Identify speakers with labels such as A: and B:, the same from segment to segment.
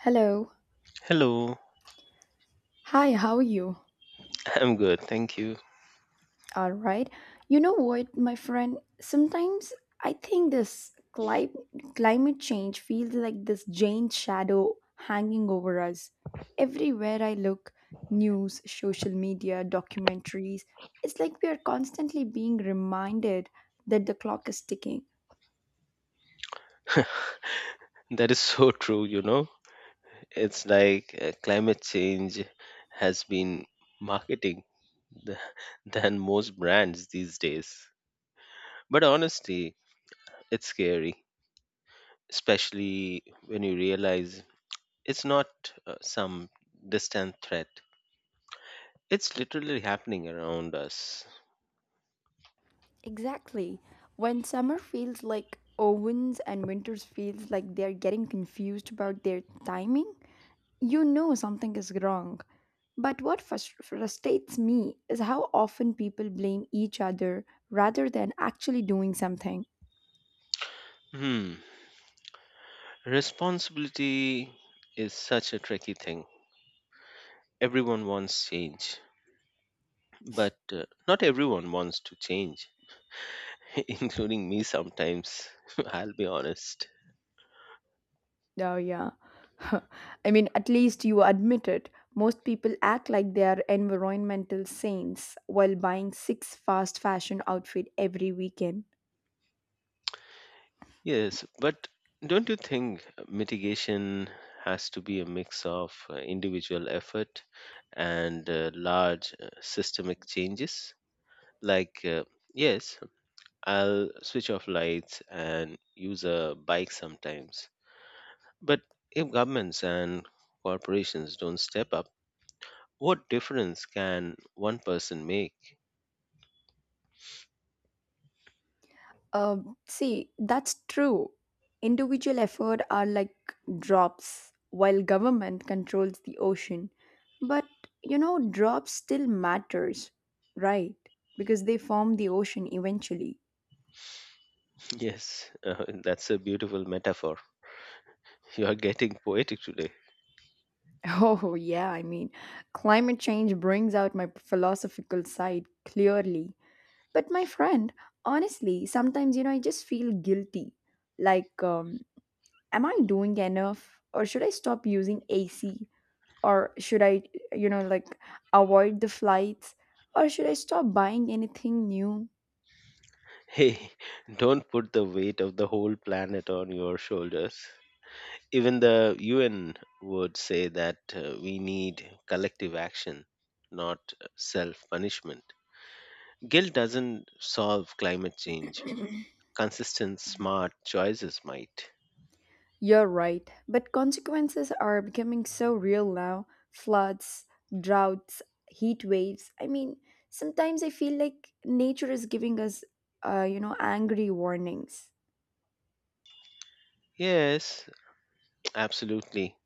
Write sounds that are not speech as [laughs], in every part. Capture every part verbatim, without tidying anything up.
A: Hello.
B: Hello,
A: Hi, how are you?
B: [laughs] I'm good, thank you.
A: All right. You know what, my friend? Sometimes I think this cli- climate change feels like this giant shadow hanging over us. Everywhere I look, news, social media, documentaries, it's like we are constantly being reminded that the clock is ticking.
B: That is [laughs] so true, you know. It's like uh, climate change has been marketing [laughs] th- than most brands these days. But honestly, it's scary, especially when you realize it's not uh, some distant threat. It's literally happening around us.
A: Exactly. When summer feels like ovens and winters feels like they're getting confused about their timing, you know something is wrong. But what frus- frustrates me is how often people blame each other rather than actually doing something.
B: Hmm. Responsibility is such a tricky thing. Everyone wants change, but uh, not everyone wants to change [laughs] including me sometimes, [laughs] I'll be honest.
A: Oh, yeah. [laughs] I mean, at least you admit it. Most people act like they are environmental saints while buying six fast fashion outfits every weekend.
B: Yes, but don't you think mitigation has to be a mix of uh, individual effort and uh, large uh, systemic changes? Like, uh, yes, I'll switch off lights and use a bike sometimes. But if governments and corporations don't step up, what difference can one person make?
A: Um, see, that's true. Individual effort are like drops, while government controls the ocean. But you know, drops still matters, right? Because they form the ocean eventually. [laughs]
B: [laughs] Yes, uh, that's a beautiful metaphor. You are getting poetic today.
A: Oh yeah, I mean, climate change brings out my philosophical side clearly. But my friend, honestly, sometimes you know I just feel guilty. Like, um, am I doing enough, or should I stop using A C? Or should I, you know like, avoid the flights? Or should I stop buying anything new?
B: Hey, [laughs] don't put the weight of the whole planet on your shoulders. Even the U N would say that uh, we need collective action, not self punishment. Guilt doesn't solve climate change. Consistent, smart choices might.
A: You're right, but consequences are becoming so real now. Floods, droughts, heat waves, I mean, sometimes I feel like nature is giving us, uh, you know, angry warnings.
B: Yes, absolutely.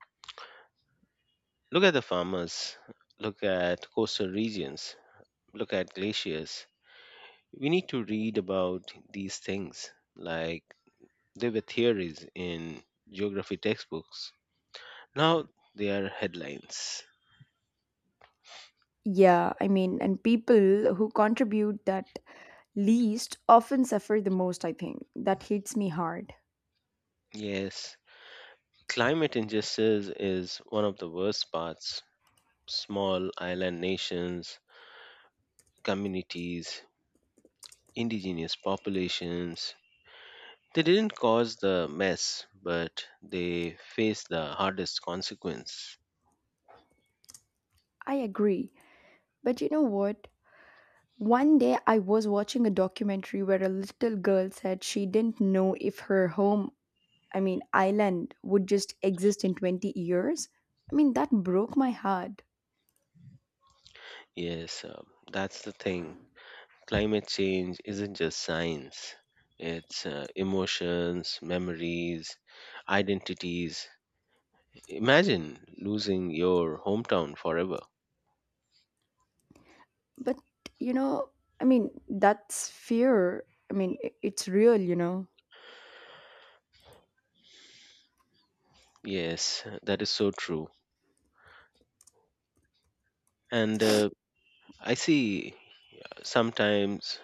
B: Look at the farmers, look at coastal regions, look at glaciers. We need to read about these things like they were theories in geography textbooks. Now they are headlines.
A: Yeah, I mean, and people who contribute that least often suffer the most. I think that hits me hard.
B: Yes, climate injustice is one of the worst parts. Small island nations, communities, indigenous populations. They didn't cause the mess, but they face the hardest consequence.
A: I agree, but you know what? One day I was watching a documentary where a little girl said she didn't know if her home, I mean, island would just exist in twenty years. I mean, that broke my heart.
B: Yes, uh, that's the thing. Climate change isn't just science, it's uh, emotions, memories, identities. Imagine losing your hometown forever.
A: But, you know, I mean, that's fear. I mean, i- it's real, you know.
B: Yes, that is so true. And uh, I see sometimes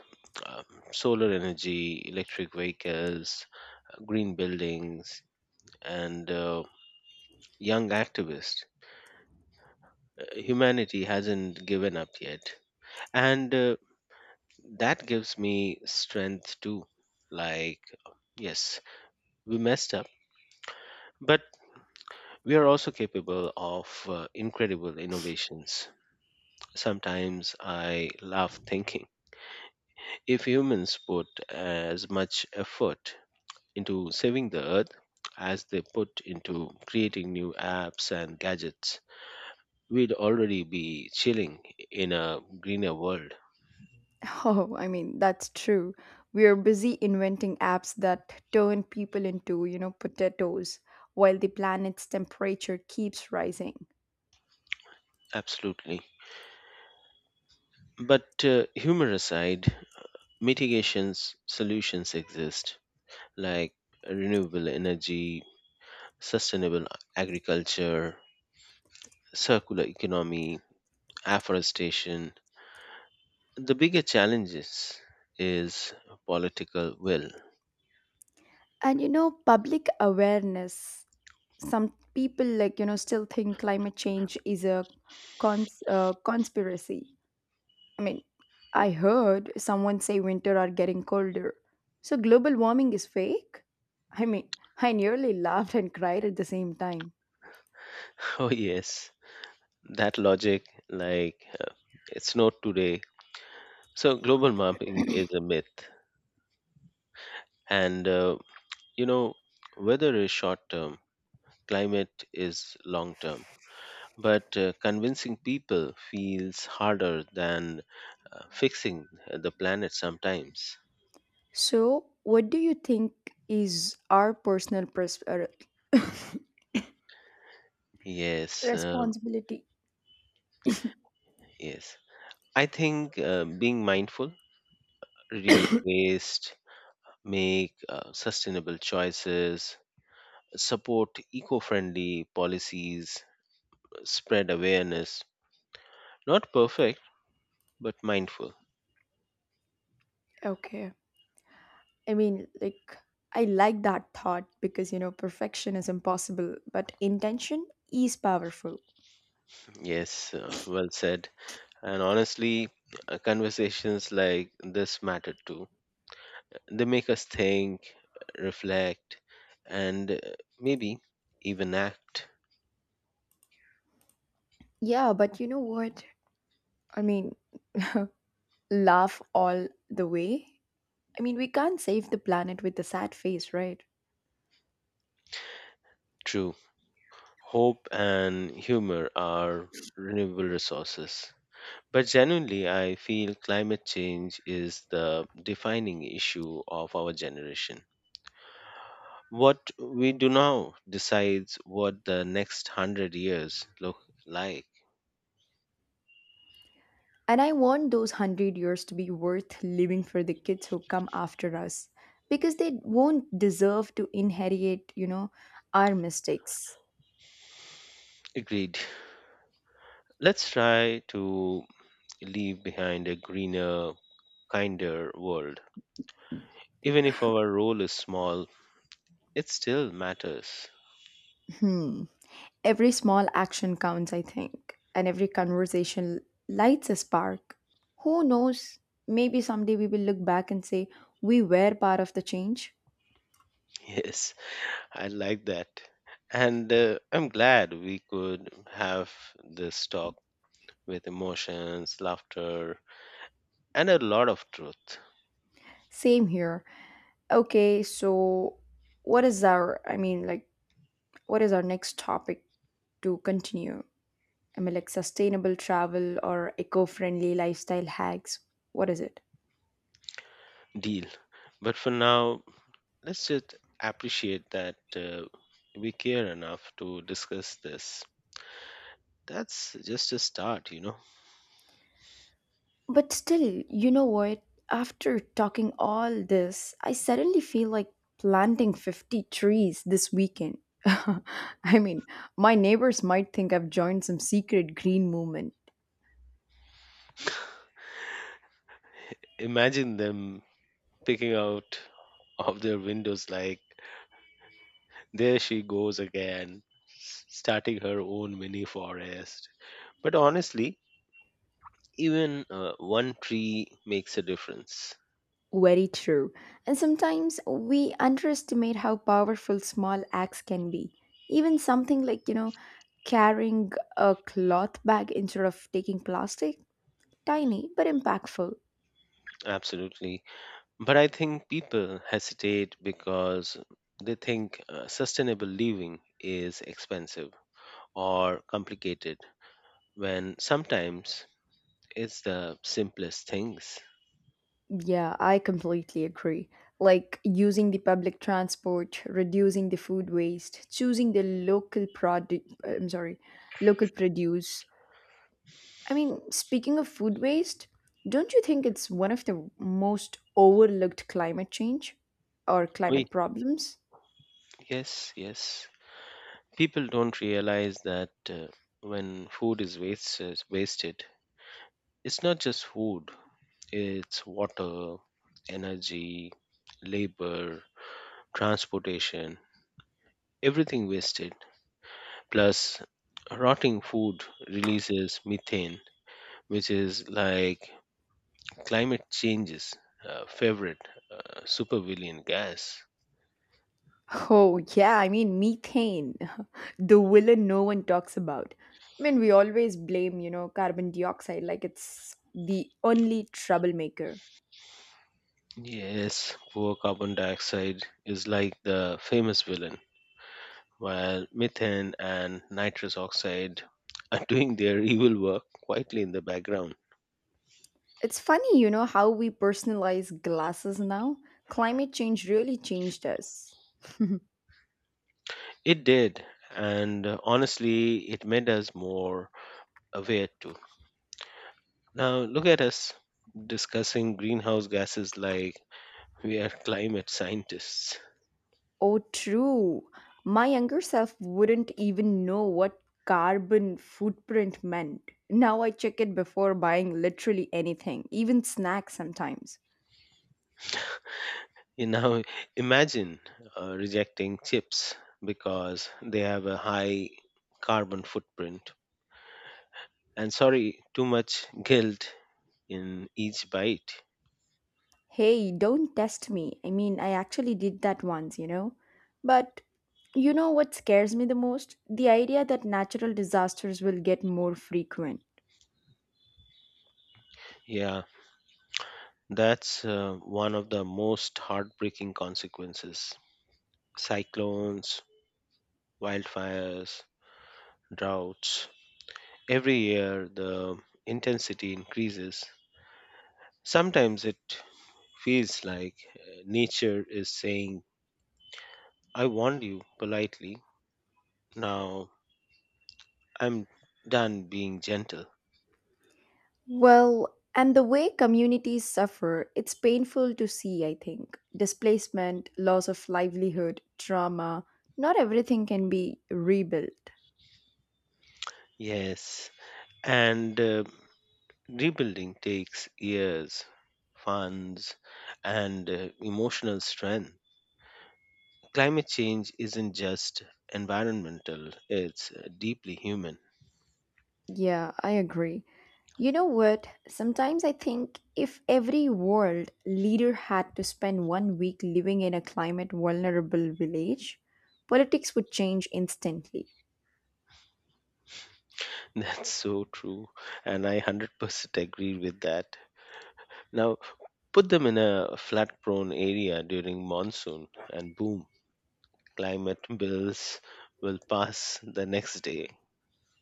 B: um, solar energy, electric vehicles, green buildings, and uh, young activists. Uh, Humanity hasn't given up yet. And uh, that gives me strength too. Like, yes, we messed up, but we are also capable of uh, incredible innovations. Sometimes I laugh thinking if humans put as much effort into saving the earth as they put into creating new apps and gadgets, we'd already be chilling in a greener world.
A: [laughs] Oh, I mean, that's true. We are busy inventing apps that turn people into, you know, potatoes while the planet's temperature keeps rising.
B: Absolutely. But uh, humor aside, mitigations solutions exist like renewable energy, sustainable agriculture, circular economy, afforestation. The bigger challenges is political will.
A: And, you know, public awareness, some people, like, you know, still think climate change is a cons- uh, conspiracy. I mean, I heard someone say winter are getting colder, so global warming is fake. I mean, I nearly laughed and cried at the same time.
B: [laughs] Oh yes, that logic like uh, it's not today. So global warming is a myth, and uh, you know weather is short term, climate is long term. But uh, convincing people feels harder than uh, fixing the planet sometimes.
A: So what do you think is our personal pers- er, [laughs]
B: Yes, um,
A: responsibility?
B: yes. I think uh, being mindful, reduce waste, make uh, sustainable choices, support eco friendly policies, spread awareness. Not perfect, but mindful.
A: Okay, I mean, like, I like that thought because, you know, perfection is impossible but intention is powerful.
B: Yes, uh, well said. And honestly, uh, conversations like this matter too. They make us think, reflect, and uh, maybe even act.
A: Yeah, but you know what? I mean, [laughs] laugh all the way. I mean, we can't save the planet with a sad face, right?
B: True. Hope and humor are renewable resources. But genuinely, I feel climate change is the defining issue of our generation. What we do now decides what the next hundred years look like.
A: And I want those hundred years to be worth living for the kids who come after us because they won't deserve to inherit, you know, our mistakes.
B: Agreed. Let's try to leave behind a greener, kinder world. Even if our role is small, it still matters. [laughs]
A: Hmm. Every small action counts, I think, and every conversation lights a spark. Who knows? Maybe someday we will look back and say, we were part of the change.
B: Yes, I like that. And uh, I'm glad we could have this talk with emotions, laughter, and a lot of truth.
A: Same here. Okay, so what is our, I mean, like, what is our next topic to continue? I mean, like sustainable travel or eco-friendly lifestyle hacks. What is it?
B: Deal. But for now, let's just appreciate that uh, we care enough to discuss this. That's just a start, you know.
A: But still, you know what? After talking all this, I suddenly feel like planting fifty trees this weekend. [laughs] I mean, my neighbors might think I've joined some secret green movement.
B: Imagine them picking out of their windows like, there she goes again, s- starting her own mini forest. But honestly, even uh, one tree makes a difference.
A: Very true. And sometimes we underestimate how powerful small acts can be. Even something like, you know, carrying a cloth bag instead of taking plastic, tiny but impactful.
B: Absolutely. But I think people hesitate because they think uh, sustainable living is expensive or complicated when sometimes it's the simplest things.
A: Yeah, I completely agree. Like using the public transport, reducing the food waste, choosing the local product, I'm sorry, local produce. I mean, speaking of food waste, don't you think it's one of the most overlooked climate change or climate
B: Wait,
A: problems? [laughs]
B: yes, yes. People don't realize that uh, when food is waste, is wasted, it's not just food, it's water, energy, labor, transportation, everything wasted. Plus, rotting food releases methane, which is like climate change's uh, favorite uh, supervillain gas.
A: Oh, yeah, I mean, methane, [laughs] the villain no one talks about. I mean, we always blame, you know, carbon dioxide like it's the only troublemaker.
B: Yes, poor carbon dioxide is like the famous villain, while methane and nitrous oxide [laughs] are doing their evil work quietly in the background.
A: It's funny, you know, how we personalize glasses now. Climate change really changed us. [laughs]
B: It did, and uh, honestly, it made us more aware too. Now, look at us discussing greenhouse gases like we are climate scientists.
A: Oh, true. My younger self wouldn't even know what carbon footprint meant. Now I check it before buying literally anything, even snacks sometimes.
B: You know, imagine uh, rejecting chips because they have a high carbon footprint. And sorry, too much guilt in each bite.
A: Hey, don't test me. I mean, I actually did that once, you know? But you know what scares me the most? The idea that natural disasters will get more frequent.
B: Yeah, that's uh, one of the most heartbreaking consequences. Cyclones, wildfires, droughts. Every year, the intensity increases. Sometimes it feels like uh, nature is saying I warned you politely. Now I'm done being gentle.
A: Well, and the way communities suffer, it's painful to see, I think. Displacement, loss of livelihood, trauma, not everything can be rebuilt.
B: Yes, and uh, rebuilding takes years, funds, and uh, emotional strength. Climate change isn't just environmental, it's uh, deeply human.
A: Yeah, I agree. You know what? Sometimes I think if every world leader had to spend one week living in a climate vulnerable village, politics would change instantly.
B: [laughs] That's so true, and I one hundred percent agree with that. Now, put them in a flood prone area during monsoon, and boom, climate bills will pass the next day.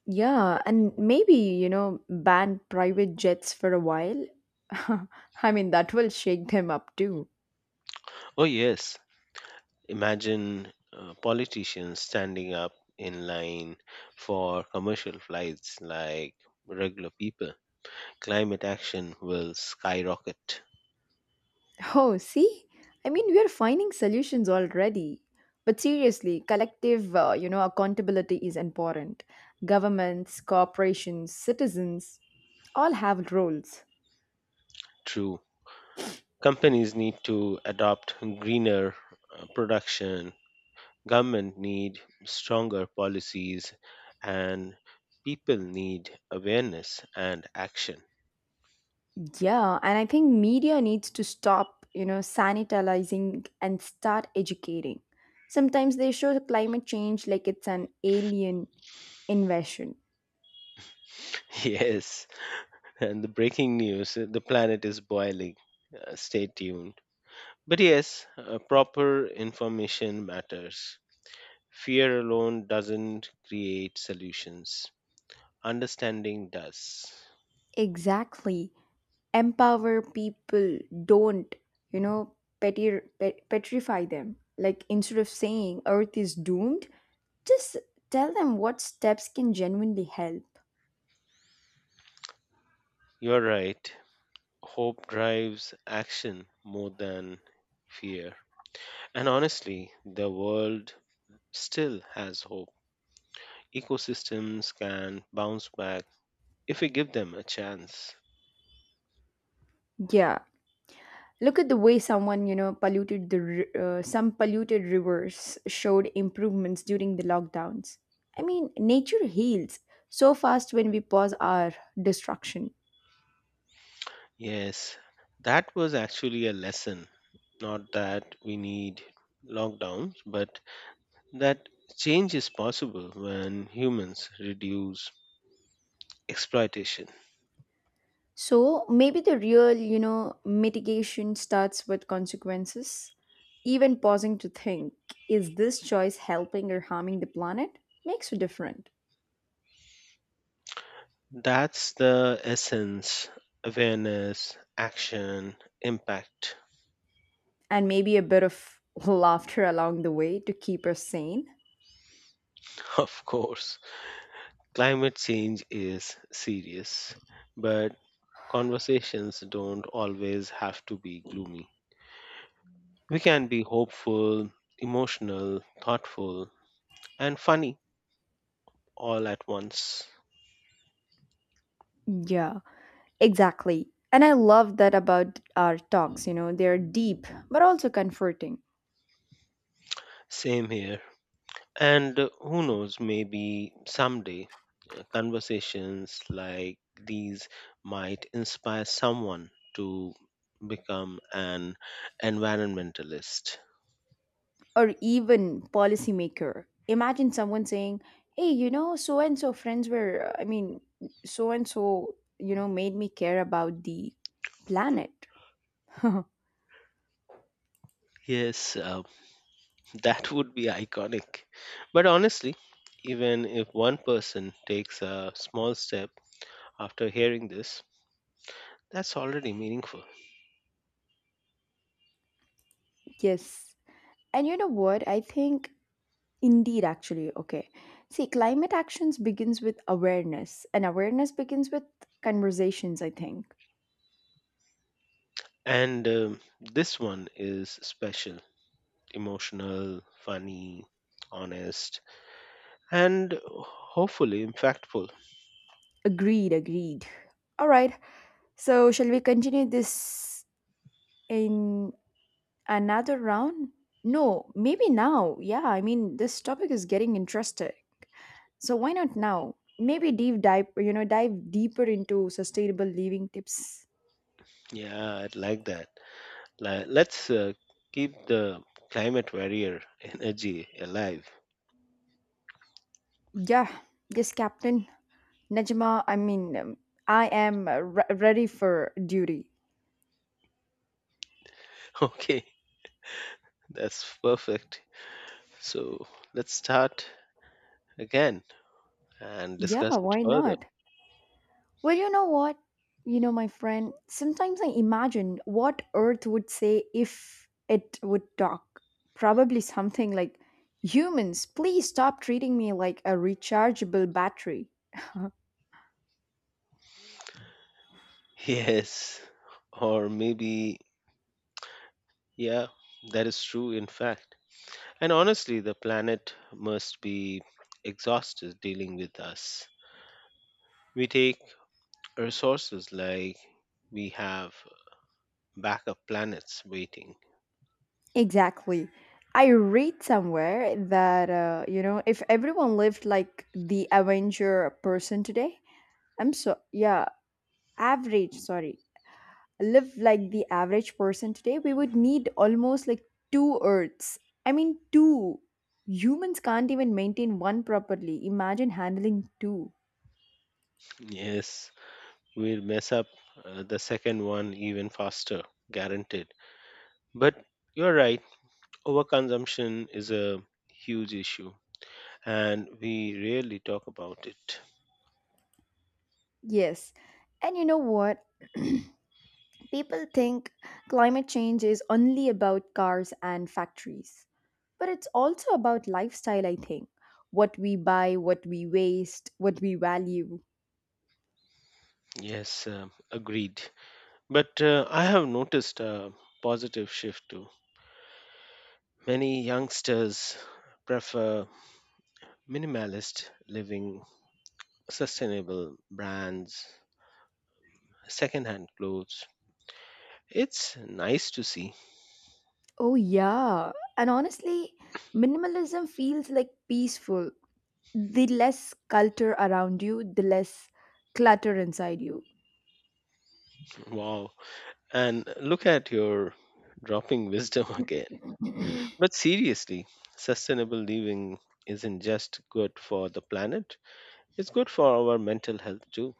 A: Yeah, and maybe, you know, ban private jets for a while. [laughs] I mean, that will shake them up too.
B: Oh, yes. Imagine uh, politicians standing up in line for commercial flights like regular people. Climate action will skyrocket.
A: Oh, see? I mean, we are finding solutions already. But seriously, collective, uh, you know, accountability is important. Governments, corporations, citizens all have roles.
B: True. Companies need to adopt greener uh, production. Government need stronger policies and people need awareness and action.
A: Yeah, and I think media needs to stop, you know, sanitizing and start educating. Sometimes they show the climate change like it's an alien invasion.
B: [laughs] Yes. And the breaking news, uh, the planet is boiling. Uh, stay tuned. But yes, uh, proper information matters. Fear alone doesn't create solutions, understanding does.
A: Exactly. Empower people, don't, you know, petri- pet- petrify them. Like, instead of saying Earth is doomed, just tell them what steps can genuinely help.
B: You're right. Hope drives action more than fear. And honestly, the world still has hope. Ecosystems can bounce back if we give them a chance.
A: Yeah. Look at the way someone, you know, polluted the ri- uh, some polluted rivers showed improvements during the lockdowns. I mean, nature heals so fast when we pause our destruction.
B: Yes, that was actually a lesson. Not that we need lockdowns, but that change is possible when humans reduce exploitation.
A: So maybe the real, you know, mitigation starts with consequences. Even pausing to think, is this choice helping or harming the planet? Makes a difference.
B: That's the essence. Awareness, action, impact.
A: And maybe a bit of [laughs] laughter along the way to keep us sane.
B: [laughs] Of course, climate change is serious, but conversations don't always have to be gloomy. We can be hopeful, emotional, thoughtful, and funny all at once.
A: Yeah. Exactly. And I love that about our talks, you know, they're deep, but also comforting.
B: Same here. And uh, who knows, maybe someday uh, conversations like these might inspire someone to become an environmentalist.
A: Or even policymaker. Imagine someone saying, hey, you know, so and so friends were, uh, I mean, so and so, you know, made me care about the planet. [laughs]
B: Yes, uh, [laughs] that would be iconic. But honestly, even if one person takes a small step after hearing this, that's already meaningful.
A: Yes. And you know what? I think, indeed, actually, okay. See, climate actions begins with awareness, and awareness begins with conversations, I think.
B: And um, this one is special, emotional, funny, honest and hopefully impactful.
A: Agreed, agreed. All right. So, shall we continue this in another round? No, maybe now. Yeah, I mean, this topic is getting interesting. So, why not now? Maybe deep dive, you know, dive deeper into sustainable living tips.
B: Yeah, I'd like that. Like, let's uh, keep the climate warrior energy alive. [laughs]
A: Yeah, yes, Captain Najma. I mean, um, I am uh, re- ready for duty.
B: Okay, that's perfect. So let's start again and
A: Yeah,
B: discuss it
A: why
B: further.
A: not? Well, you know what? You know, my friend, sometimes I imagine what Earth would say if it would talk. Probably something like, humans, please stop treating me like a rechargeable battery. [laughs]
B: [laughs] Yes, or maybe, yeah, that is true, in fact. And honestly, the planet must be exhausted dealing with us. We take resources like we have backup planets waiting.
A: Exactly. I read somewhere that, uh, you know, if everyone lived like the Avenger person today, I'm so, yeah, average, sorry, live like the average person today, we would need almost like two Earths. I mean, two. Humans can't even maintain one properly. Imagine handling two.
B: Yes, we'll mess up uh, the second one even faster, guaranteed. But you're right, overconsumption is a huge issue and we rarely talk about it.
A: Yes. And you know what? [clears throat] People think climate change is only about cars and factories, but it's also about lifestyle, I think. What we buy, what we waste, what we value.
B: Yes, um agreed. But uh, I have noticed a positive shift too. Many youngsters prefer minimalist living, sustainable brands, secondhand clothes. It's nice to see.
A: Oh, yeah. And honestly, minimalism feels like peaceful. The less culture around you, the less clutter inside you.
B: Wow. And look at your dropping wisdom [laughs] again.
A: [clears throat]
B: But seriously, sustainable living isn't just good for the planet, it's good for our mental health too.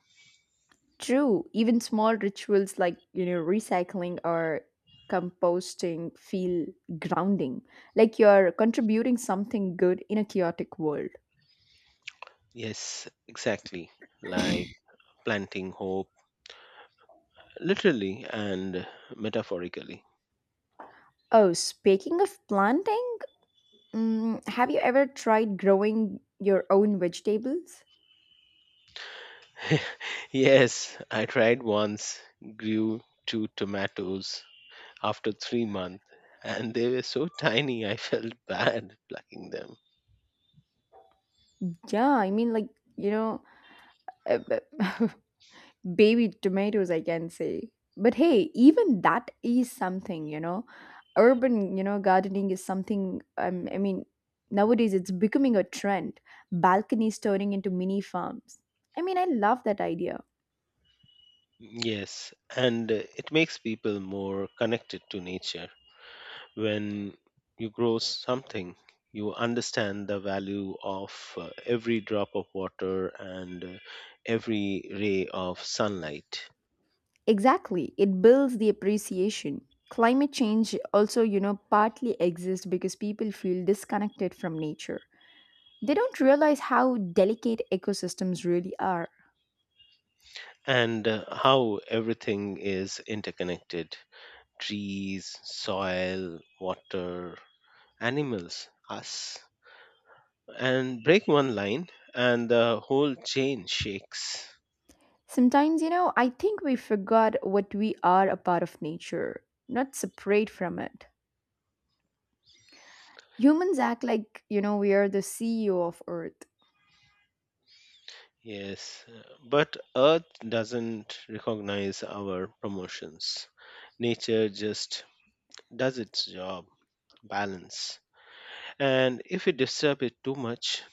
A: True, even small rituals like, you know, recycling or composting feel grounding, like you're contributing something good in a chaotic world.
B: Yes, exactly. Like planting hope, literally and metaphorically.
A: Oh, speaking of planting, mm, have you ever tried growing your own vegetables?
B: [laughs] Yes, I tried once, grew two tomatoes after three months, and they were so tiny I felt [laughs] bad plucking them.
A: Yeah, I mean, like, you know, uh, [laughs] baby tomatoes, I can say. But hey, even that is something, you know. Urban, you know, gardening is something, um, I mean, nowadays it's becoming a trend. Balconies turning into mini farms. I mean, I love that idea.
B: Yes, and uh, it makes people more connected to nature. When you grow something, you understand the value of uh, every drop of water and uh, every ray of sunlight
A: Exactly, it builds the appreciation. Climate change also, you know, partly exists because people feel disconnected from nature. They don't realize how delicate ecosystems really are.
B: and uh, how everything is interconnected. Trees, soil, water, animals, us. And break one line, and the whole chain shakes.
A: Sometimes, you know, I think we forgot what we are, a part of nature, not separate from it. Humans act like, you know, we are the C E O of Earth.
B: Yes, uh, but Earth doesn't recognize our promotions. Nature just does its job, balance. And if we disturb it too much,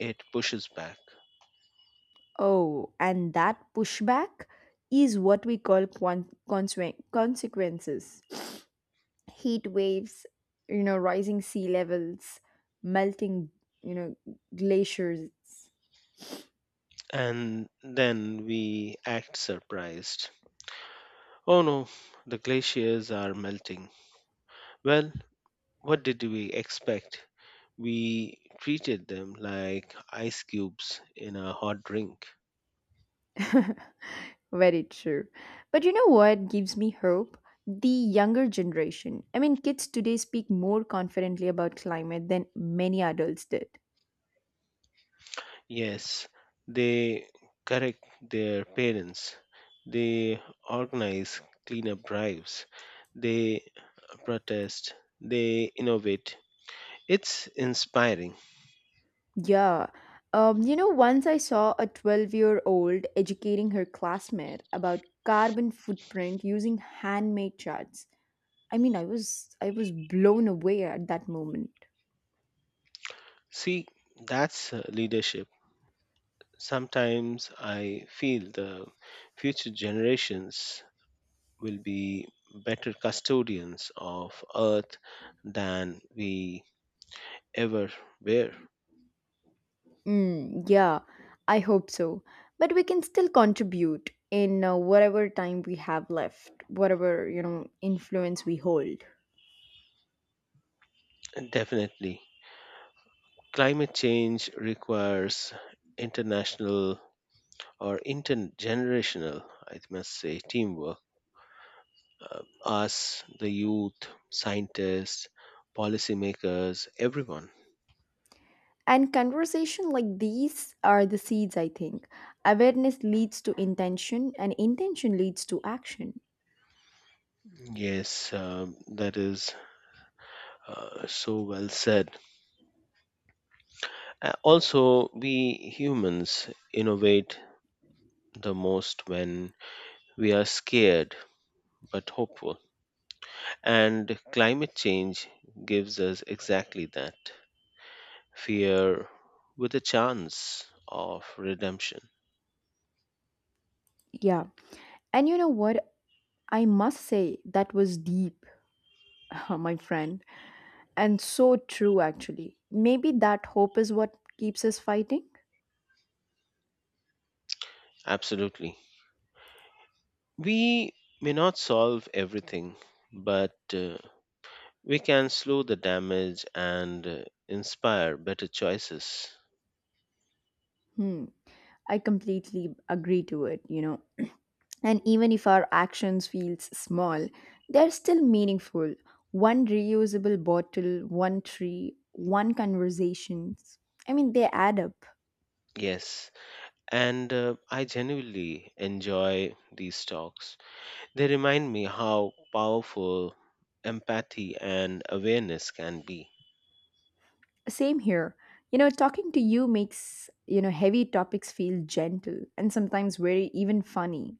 B: it pushes back.
A: Oh, and that pushback is what we call quan- consequen- consequences. Heat waves, you know, rising sea levels, melting, you know, glaciers.
B: And then we act surprised. Oh no, the glaciers are melting. Well, what did we expect? We treated them like ice cubes in a hot drink.
A: [laughs] Very true. But you know what gives me hope? The younger generation. I mean, kids today speak more confidently about climate than many adults did.
B: Yes, they correct their parents. They organize cleanup drives. They protest. They innovate. It's inspiring.
A: Yeah. Um, you know, once I saw a twelve year old educating her classmate about carbon footprint using handmade charts. I mean, I was I was blown away at that moment.
B: See, that's uh, leadership. Sometimes I feel the future generations will be better custodians of Earth than we ever were.
A: Mm, yeah, I hope so. But we can still contribute in uh, whatever time we have left, whatever, you know, influence we hold.
B: And definitely. Climate change requires international or intergenerational, I must say, teamwork. Uh, us, the youth, scientists, policymakers, everyone.
A: And conversation like these are the seeds, I think. Awareness leads to intention, and intention leads to action.
B: Yes, um, that is uh, so well said. Uh, also, we humans innovate the most when we are scared but hopeful. And climate change gives us exactly that fear with a chance of redemption.
A: Yeah. And you know what? I must say that was deep. [laughs] My friend, and so true, actually. Maybe that hope is what keeps us fighting.
B: Absolutely. We may not solve everything, but uh, we can slow the damage and uh, inspire better choices.
A: Hmm, I completely agree to it, you know. And even if our actions feels small, they're still meaningful. One reusable bottle, one tree, one conversations. I mean, they add up.
B: Yes, and uh, I genuinely enjoy these talks. They remind me how powerful empathy and awareness can be.
A: Same here. You know, talking to you makes, you know, heavy topics feel gentle and sometimes very even funny.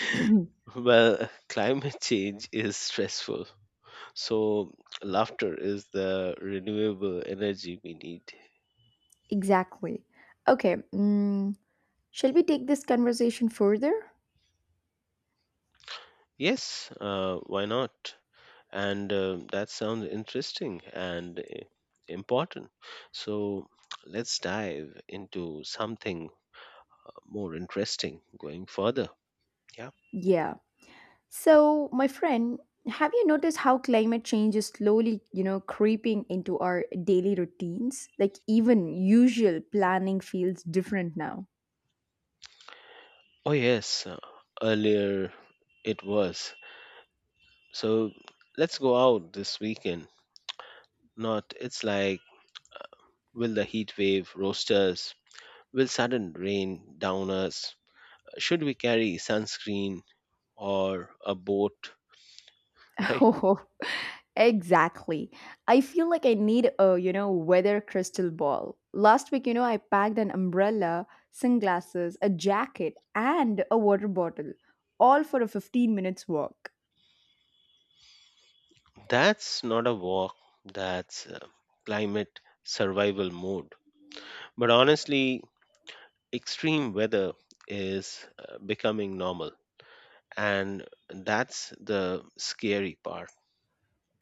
A: [clears throat]
B: Well, [laughs] climate change is stressful, so laughter is the renewable energy we need.
A: Exactly. Okay. mm, Shall we take this conversation further?
B: Yes, uh, why not? And uh, that sounds interesting and uh, important. So let's dive into something more interesting going further. Yeah.
A: Yeah. So, my friend, have you noticed how climate change is slowly, you know, creeping into our daily routines? Like, even usual planning feels different now.
B: Oh, yes, uh, earlier it was. So let's go out this weekend. Not, it's like, will the heat wave roast us? Will sudden rain down us? Should we carry sunscreen or a boat? [laughs]
A: [laughs]
B: Right?
A: Oh, exactly. I feel like I need a, you know, weather crystal ball. Last week, you know, I packed an umbrella, sunglasses, a jacket, and a water bottle, all for a fifteen minutes walk.
B: That's not a walk, that's uh, climate survival mode. But honestly, extreme weather is uh, becoming normal, and that's the scary part.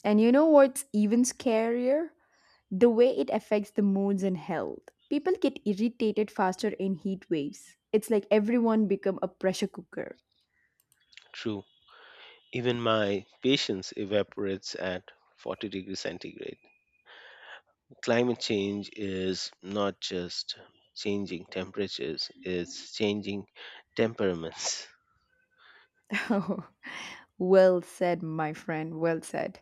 A: And you know what's even scarier? The way it affects the moods and health. People get irritated faster in heat waves. It's like everyone become a pressure cooker.
B: True. Even my patience evaporates at forty degrees centigrade. Climate change is not just changing temperatures. It's changing temperaments.
A: [laughs] Well said, my friend. Well said.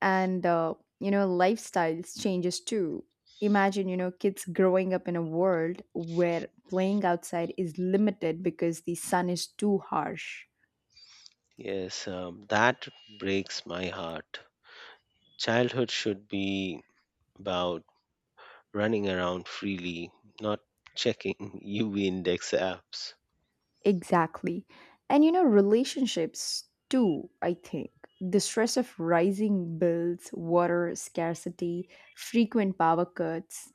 A: And uh, you know, lifestyles changes too. Imagine, you know, kids growing up in a world where playing outside is limited because the sun is too harsh.
B: [laughs] yes um, that breaks my heart. Childhood should be about running around freely, not checking [laughs] U V index apps.
A: Exactly. And you know, relationships too, I think. The stress of rising bills, water scarcity, frequent power cuts.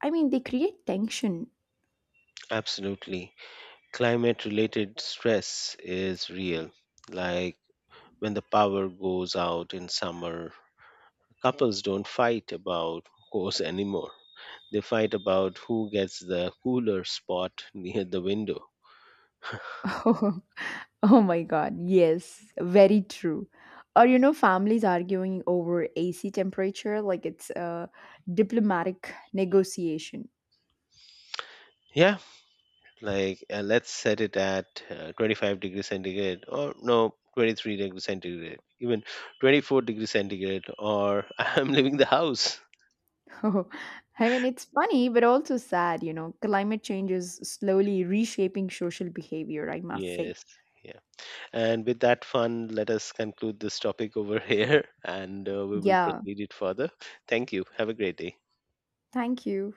A: I mean, they create tension.
B: Absolutely. Climate related stress is real. Like when the power goes out in summer, couples don't fight about [laughs] course anymore. They fight about who gets the cooler spot [laughs] near the window.
A: [laughs] Oh my God. Yes, very true. Or, you know, families arguing over A C temperature like it's a diplomatic negotiation.
B: Yeah, like uh, let's set it at uh, twenty-five degrees centigrade or no, twenty-three degrees centigrade, even twenty-four degrees centigrade, or [laughs] I'm leaving the house.
A: [laughs] Oh, I mean, it's funny, but also sad, you know. Climate change is slowly reshaping social behavior, I must say.
B: Yes, yeah. And with that fun, let us conclude this topic over [laughs] here and uh, we will
A: Yeah,
B: proceed it further. Thank you. Have a great day.
A: thank you.